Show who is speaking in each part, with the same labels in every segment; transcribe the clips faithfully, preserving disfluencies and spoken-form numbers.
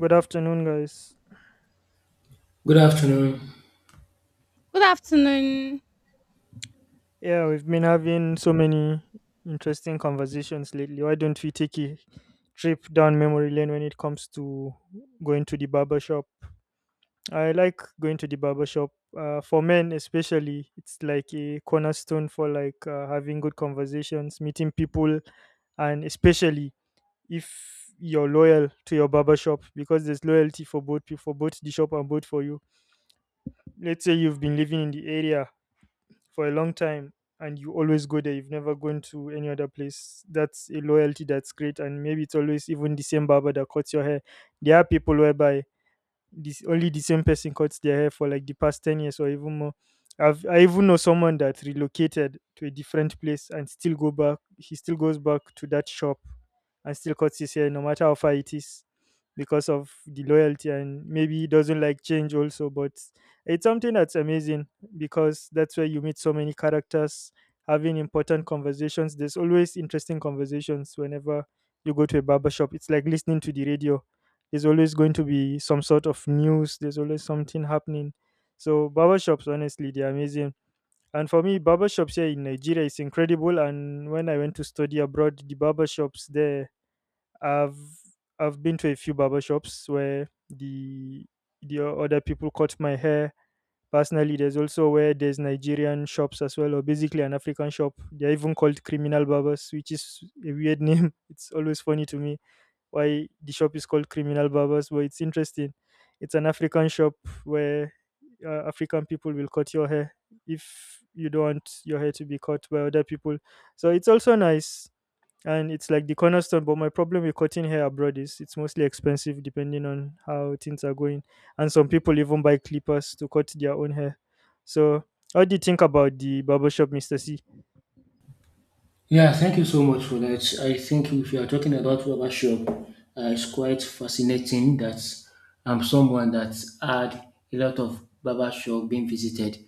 Speaker 1: Good afternoon, guys.
Speaker 2: Good afternoon.
Speaker 3: Good afternoon.
Speaker 1: Yeah, we've been having so many interesting conversations lately. Why don't we take a trip down memory lane when it comes to going to the barber shop? I like going to the barber shop uh, for men, especially. It's like a cornerstone for like uh, having good conversations, meeting people, and especially if you're loyal to your barber shop, because there's loyalty for both peo- for both the shop and both for you. Let's say you've been living in the area for a long time and you always go there, you've never gone to any other place. That's a loyalty, that's great, and maybe it's always even the same barber that cuts your hair. There are people whereby this only the same person cuts their hair for like the past ten years or even more. I've i even know someone that relocated to a different place and still go back. He still goes back to that shop and still cuts his hair no matter how far it is, because of the loyalty, and maybe he doesn't like change also. But it's something that's amazing, because that's where you meet so many characters having important conversations. There's always interesting conversations whenever you go to a barber shop. It's like listening to the radio, there's always going to be some sort of news. There's always something happening. So barbershops, honestly, they're amazing. And for me, barbershops here in Nigeria is incredible. And when I went to study abroad, the barbershops there, I've I've been to a few barbershops where the the other people cut my hair personally. There's also where there's Nigerian shops as well, or basically an African shop. They're even called Criminal Barbers, which is a weird name. It's always funny to me why the shop is called Criminal Barbers, but it's interesting. It's an African shop where uh, African people will cut your hair if you don't want your hair to be cut by other people. So it's also nice, and it's like the cornerstone. But my problem with cutting hair abroad is it's mostly expensive, depending on how things are going. And some people even buy clippers to cut their own hair. So, how do you think about the barbershop, Mister C?
Speaker 2: Yeah, thank you so much for that. I think if you are talking about rubber shop, uh, it's quite fascinating that I'm someone that had a lot of barber shop being visited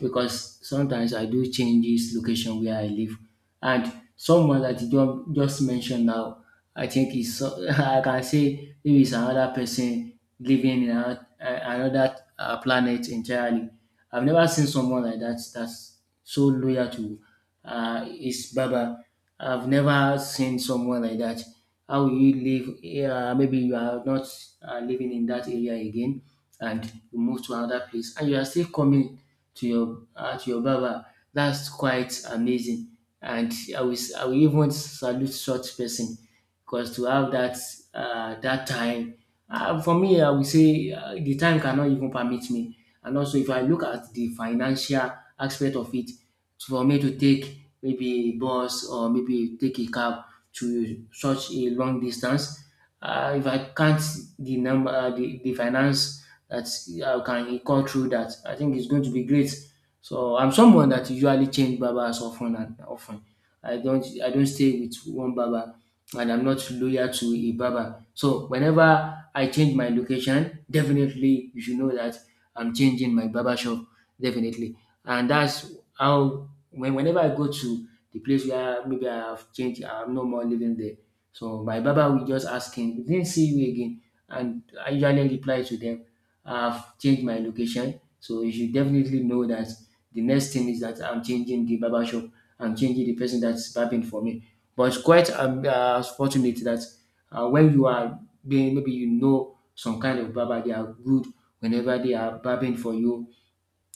Speaker 2: because sometimes I do change this location where I live. And someone that you don't- just mentioned now, I think is so- I can say maybe it's another person living in ano- uh, another uh, planet entirely. I've never seen someone like that that's so loyal to uh, his barber. I've never seen someone like that. How will you live? Uh, maybe you are not uh, living in that area again, and you move to another place, and you are still coming to your uh, to your barber. That's quite amazing, and I will s- I will even salute such person, because to have that uh, that time. Uh, for me, I would say uh, the time cannot even permit me. And also, if I look at the financial aspect of it, so for me to take maybe bus or maybe take a cab to such a long distance. Uh, if I can't the number, uh, the, the finance that I can call through that, I think it's going to be great. So I'm someone that usually change barbers often and often. I don't I don't stay with one barber, and I'm not loyal to a barber. So whenever I change my location, definitely you should know that I'm changing my barber shop definitely. And that's how when whenever I go to the place where maybe I have changed, I'm no more living there. So my barber will just ask him, "We didn't see you again," and I usually reply to them, "I've changed my location." So you should definitely know that the next thing is that I'm changing the barber shop. I'm changing the person that's barbing for me. But it's quite um, uh, fortunate that uh, when you are being maybe you know some kind of barber, they are good whenever they are barbing for you,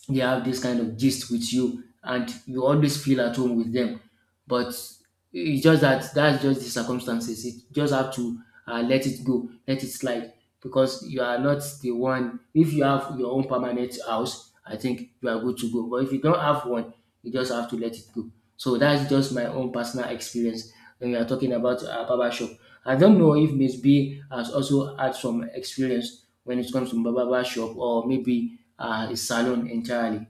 Speaker 2: they have this kind of gist with you and you always feel at home with them. But it's just that that's just the circumstances. You just have to uh, let it go, let it slide, because you are not the one. If you have your own permanent house, I think you are good to go, but if you don't have one, you just have to let it go. So that's just my own personal experience when we are talking about uh, barber shop. I don't know if maybe has also had some experience when it comes to barber shop or maybe uh, a salon entirely.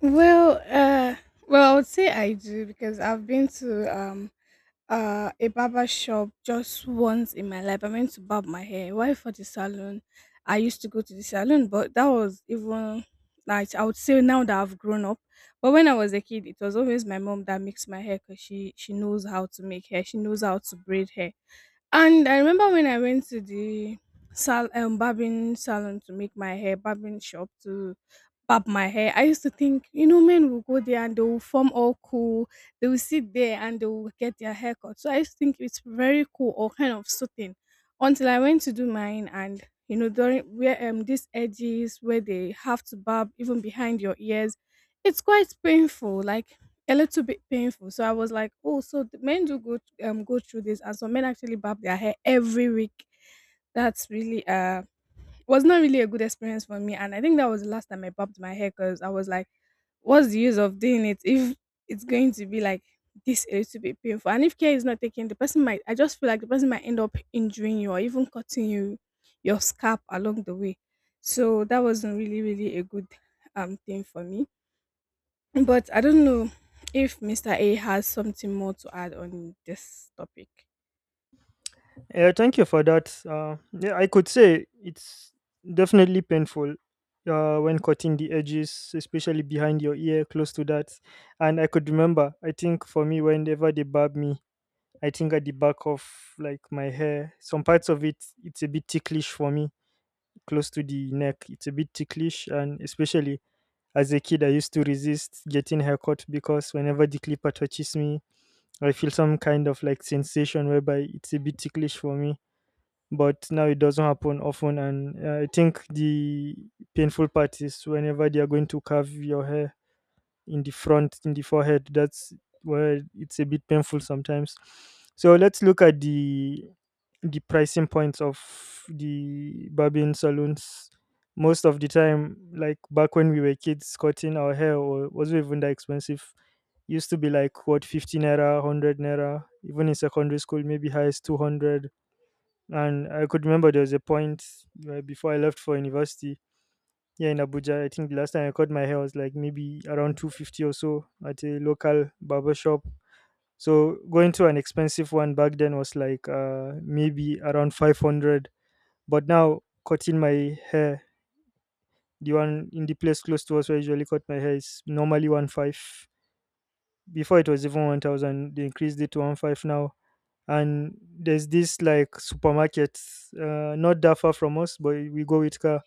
Speaker 3: Well, uh, well, I would say I do because I've been to um uh a barber shop just once in my life. I went to barb my hair. Why for the salon? I used to go to the salon, but that was even like I would say now that I've grown up. But when I was a kid, it was always my mom that makes my hair because she she knows how to make hair. She knows how to braid hair. And I remember when I went to the sal um barbing salon to make my hair, barbing shop to barb my hair. I used to think, you know, men will go there and they will form all cool. They will sit there and they will get their hair cut. So I used to think it's very cool or kind of soothing, until I went to do mine. And you know, during where um these edges where they have to barb even behind your ears, it's quite painful, like a little bit painful. So I was like, oh, so the men do go um go through this, and some men actually barb their hair every week. That's really uh was not really a good experience for me. And I think that was the last time I popped my hair because I was like, what's the use of doing it if it's going to be like this a little bit painful? And if care is not taken, the person might, I just feel like the person might end up injuring you or even cutting you your scalp along the way. So that wasn't really, really a good um thing for me. But I don't know if mister A has something more to add on this topic.
Speaker 1: Yeah, thank you for that. Uh, yeah, I could say it's definitely painful uh, when cutting the edges, especially behind your ear, close to that. And I could remember, I think for me, whenever they barb me, I think at the back of like my hair, some parts of it, it's a bit ticklish for me, close to the neck. It's a bit ticklish, and especially as a kid, I used to resist getting haircut because whenever the clipper touches me, I feel some kind of like sensation whereby it's a bit ticklish for me. But now it doesn't happen often, and uh, I think the painful part is whenever they are going to carve your hair in the front, in the forehead. That's where it's a bit painful sometimes. So let's look at the the pricing points of the barbing salons. Most of the time, like back when we were kids, cutting our hair wa- wasn't even that expensive. Used to be like what, fifty naira, one hundred naira, even in secondary school maybe highest two hundred. And I could remember there was a point uh, before I left for university here in Abuja. I think the last time I cut my hair was like maybe around two fifty or so at a local barber shop. So going to an expensive one back then was like uh, maybe around five hundred. But now, cutting my hair, the one in the place close to us where I usually cut my hair is normally one five. Before it was even one thousand, they increased it to one five now. And there's this like supermarket uh, not that far from us, but we go with car.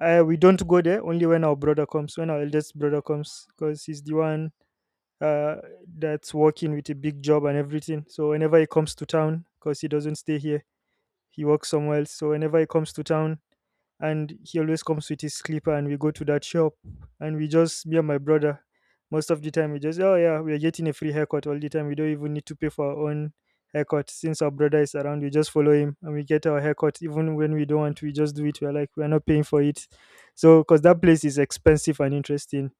Speaker 1: uh, We don't go there, only when our brother comes, when our eldest brother comes, because he's the one uh, that's working with a big job and everything. So whenever he comes to town, because he doesn't stay here, he works somewhere else, so whenever he comes to town, and he always comes with his clipper, and we go to that shop. And we just, me and my brother, most of the time we just, oh yeah, we're getting a free haircut all the time, we don't even need to pay for our own haircut. Since our brother is around, we just follow him and we get our haircut, even when we don't want to. We just do it, we're like, we're not paying for it. So because that place is expensive and interesting,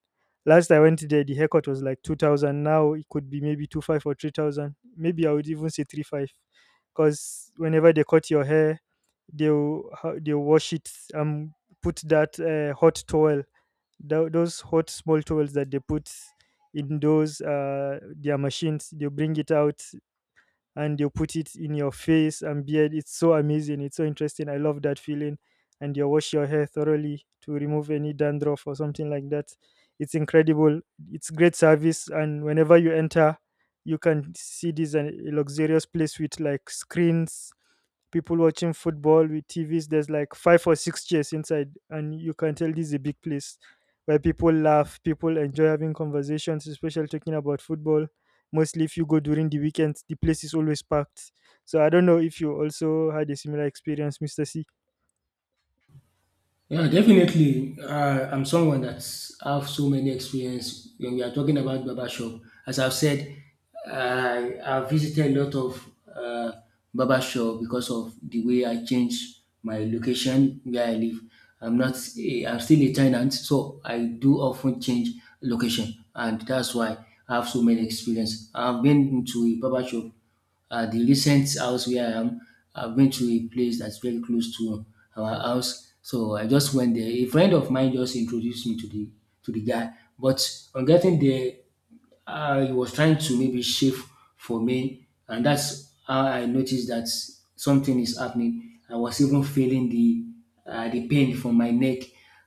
Speaker 1: last I went there the haircut was like two thousand, now it could be maybe two five or three thousand, maybe I would even say three five, because whenever they cut your hair they'll ho- they'll wash it and put that uh, hot towel, tho- those hot small towels that they put in those uh, their machines, they'll bring it out and they'll put it in your face and beard. It's so amazing, it's so interesting, I love that feeling. And you wash your hair thoroughly to remove any dandruff or something like that. It's incredible, it's great service. And whenever you enter, you can see this uh, luxurious place with like screens, people watching football with T Vs. There's like five or six chairs inside, and you can tell this is a big place where people laugh, people enjoy having conversations, especially talking about football. Mostly, if you go during the weekends, the place is always packed. So I don't know if you also had a similar experience, Mister C.
Speaker 2: Yeah, definitely. Uh, I'm someone that's have so many experience when we are talking about barbershop. As I've said, I I've visited a lot of uh, barbershop because of the way I changed my location where I live. I'm not, a, I'm still a tenant, so I do often change location, and that's why I have so many experience. I've been into a barbershop. Uh, the recent house where I am, I went to a place that's very close to our house. So I just went there. A friend of mine just introduced me to the to the guy. But on getting there, uh, he was trying to maybe shave for me, and that's how I noticed that something is happening. I was even feeling the uh, the pain from my neck.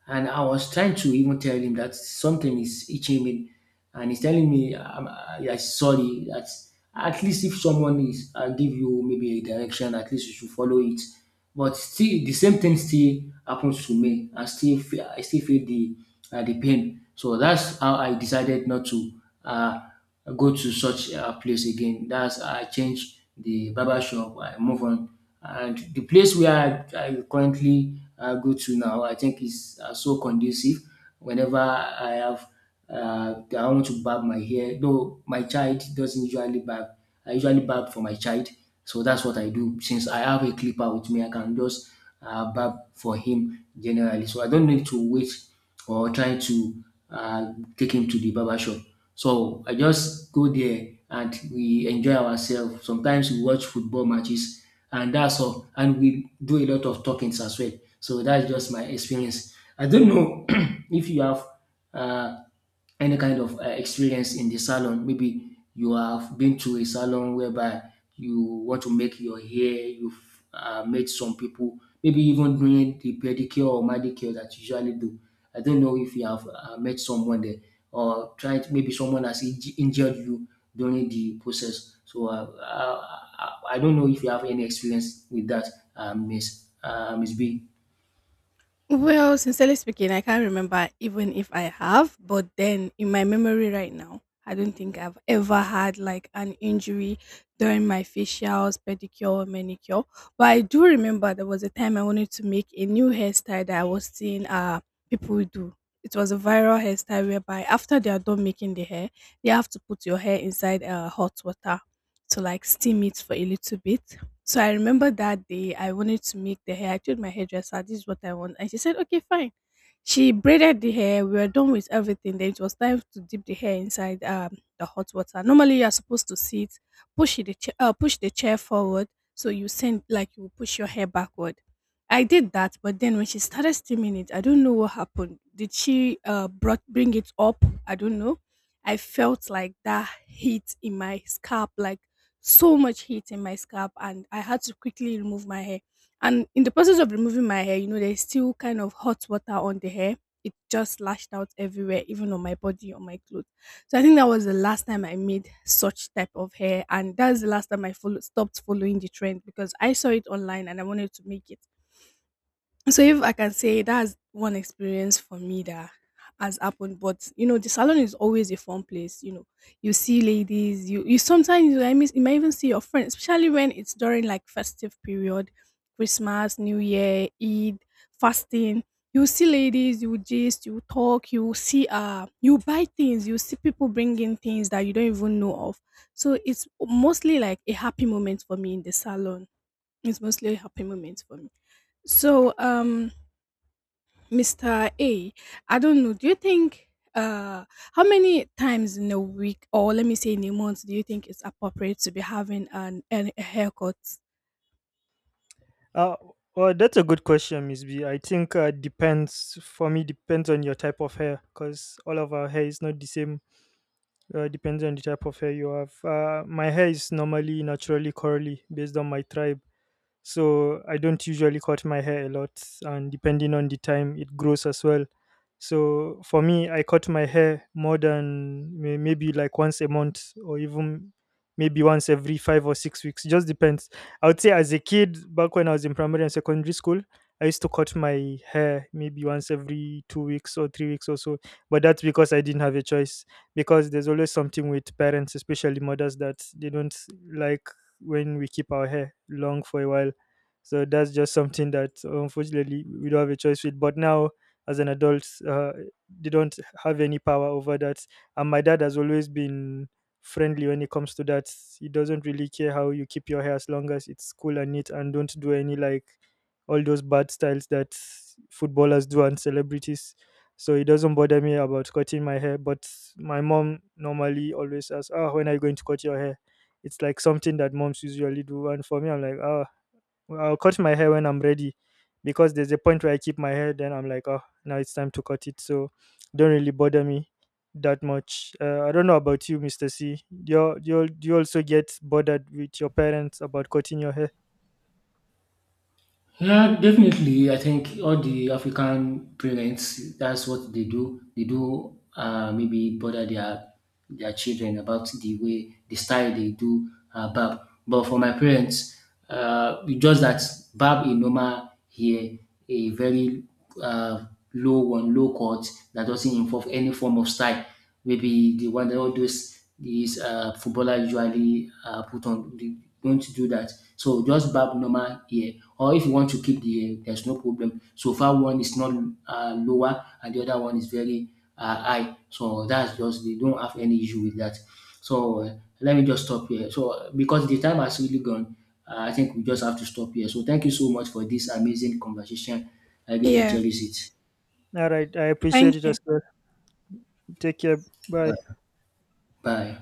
Speaker 2: And I was trying to even tell him that something is itching me, and he's telling me, I'm, I, I'm sorry, that at least if someone is and give you maybe a direction, at least you should follow it. But still, the same thing still happens to me. I still feel, I still feel the uh, the pain. So that's how I decided not to. Uh, go to such a place again. That's I change the barber shop. I move on, and the place where I, I currently uh, go to now, I think is uh, so conducive. Whenever I have, uh, I want to barb my hair. Though my child doesn't usually barb, I usually barb for my child. So that's what I do. Since I have a clipper with me, I can just uh, barb for him generally. So I don't need to wait or trying to uh, take him to the barber shop. So I just go there and we enjoy ourselves. Sometimes we watch football matches and that's all. And we do a lot of talkings as well. So that's just my experience. I don't know if you have uh, any kind of uh, experience in the salon. Maybe you have been to a salon whereby you want to make your hair, you've uh, met some people, maybe even doing the pedicure or manicure that you usually do. I don't know if you have uh, met someone there or tried, maybe someone has inj- injured you during the process. So uh, uh, I I don't know if you have any experience with that, uh, Miss uh, Miss B.
Speaker 3: Well, sincerely speaking, I can't remember even if I have, but then in my memory right now, I don't think I've ever had like an injury during my facials, pedicure, or manicure. But I do remember there was a time I wanted to make a new hairstyle that I was seeing uh people do. It was a viral hairstyle whereby after they are done making the hair, you have to put your hair inside uh, hot water to like steam it for a little bit. So I remember that day I wanted to make the hair. I told my hairdresser, this is what I want. And she said, okay, fine. She braided the hair. We were done with everything. Then it was time to dip the hair inside um, the hot water. Normally, you're supposed to sit, push the, cha- uh, push the chair forward. So you send, like, you push your hair backward. I did that. But then when she started steaming it, I don't know what happened. Did she uh, brought, bring it up? I don't know. I felt like that heat in my scalp, like so much heat in my scalp, and I had to quickly remove my hair. And in the process of removing my hair, you know, there's still kind of hot water on the hair. It just lashed out everywhere, even on my body, on my clothes. So I think that was the last time I made such type of hair, and that's the last time I follow, stopped following the trend because I saw it online and I wanted to make it. So if I can say that's one experience for me that has happened. But you know, the salon is always a fun place. You know, you see ladies, you you sometimes you, I miss, you might even see your friends, especially when it's during like festive period, Christmas, New Year, Eid, fasting. You see ladies, you gist, you talk, you see uh you buy things, you see people bringing things that you don't even know of. So it's mostly like a happy moment for me in the salon. It's mostly a happy moment for me. So um mister A, I don't know. Do you think, uh how many times in a week or let me say in a month do you think it's appropriate to be having an, an a haircut?
Speaker 1: Uh, well, that's a good question, Miss B. I think uh, depends, for me depends on your type of hair, because all of our hair is not the same. Uh, depends on the type of hair you have. Uh, my hair is normally naturally curly based on my tribe. So I don't usually cut my hair a lot, and depending on the time, it grows as well. So for me, I cut my hair more than may- maybe like once a month or even maybe once every five or six weeks. Just depends. I would say as a kid, back when I was in primary and secondary school, I used to cut my hair maybe once every two weeks or three weeks or so. But that's because I didn't have a choice, because there's always something with parents, especially mothers, that they don't like when we keep our hair long for a while. So that's just something that unfortunately we don't have a choice with. But now, as an adult, uh, they don't have any power over that. And my dad has always been friendly when it comes to that. He doesn't really care how you keep your hair as long as it's cool and neat, and don't do any like all those bad styles that footballers do, and celebrities. So it doesn't bother me about cutting my hair. But my mom normally always asks, "Ah, when are you going to cut your hair?" It's like something that moms usually do, and for me, I'm like, "Ah, I'll cut my hair when I'm ready, because there's a point where I keep my hair, then I'm like, oh, now it's time to cut it." So don't really bother me that much. Uh, I don't know about you, Mister C. Do you, do, you, do you also get bothered with your parents about cutting your hair?
Speaker 2: Yeah, definitely. I think all the African parents, that's what they do. They do uh, maybe bother their their children about the way the style they do uh, barb. But for my parents, uh, it's just that barb a normal hair, a very uh, low one, low cut that doesn't involve any form of style. Maybe the one that all those these uh, footballer usually uh, put on. They don't do that. So just barb normal hair, or if you want to keep the hair, there's no problem. So far, one is not uh, lower and the other one is very uh, high. So that's just they don't have any issue with that. So uh, Let me just stop here. So uh, because the time has really gone, uh, I think we just have to stop here. So thank you so much for this amazing conversation. I really
Speaker 3: Yeah,
Speaker 2: cherish it.
Speaker 1: All right. I appreciate
Speaker 3: thank
Speaker 1: it
Speaker 3: you.
Speaker 1: as well. Take care. Bye.
Speaker 2: Bye.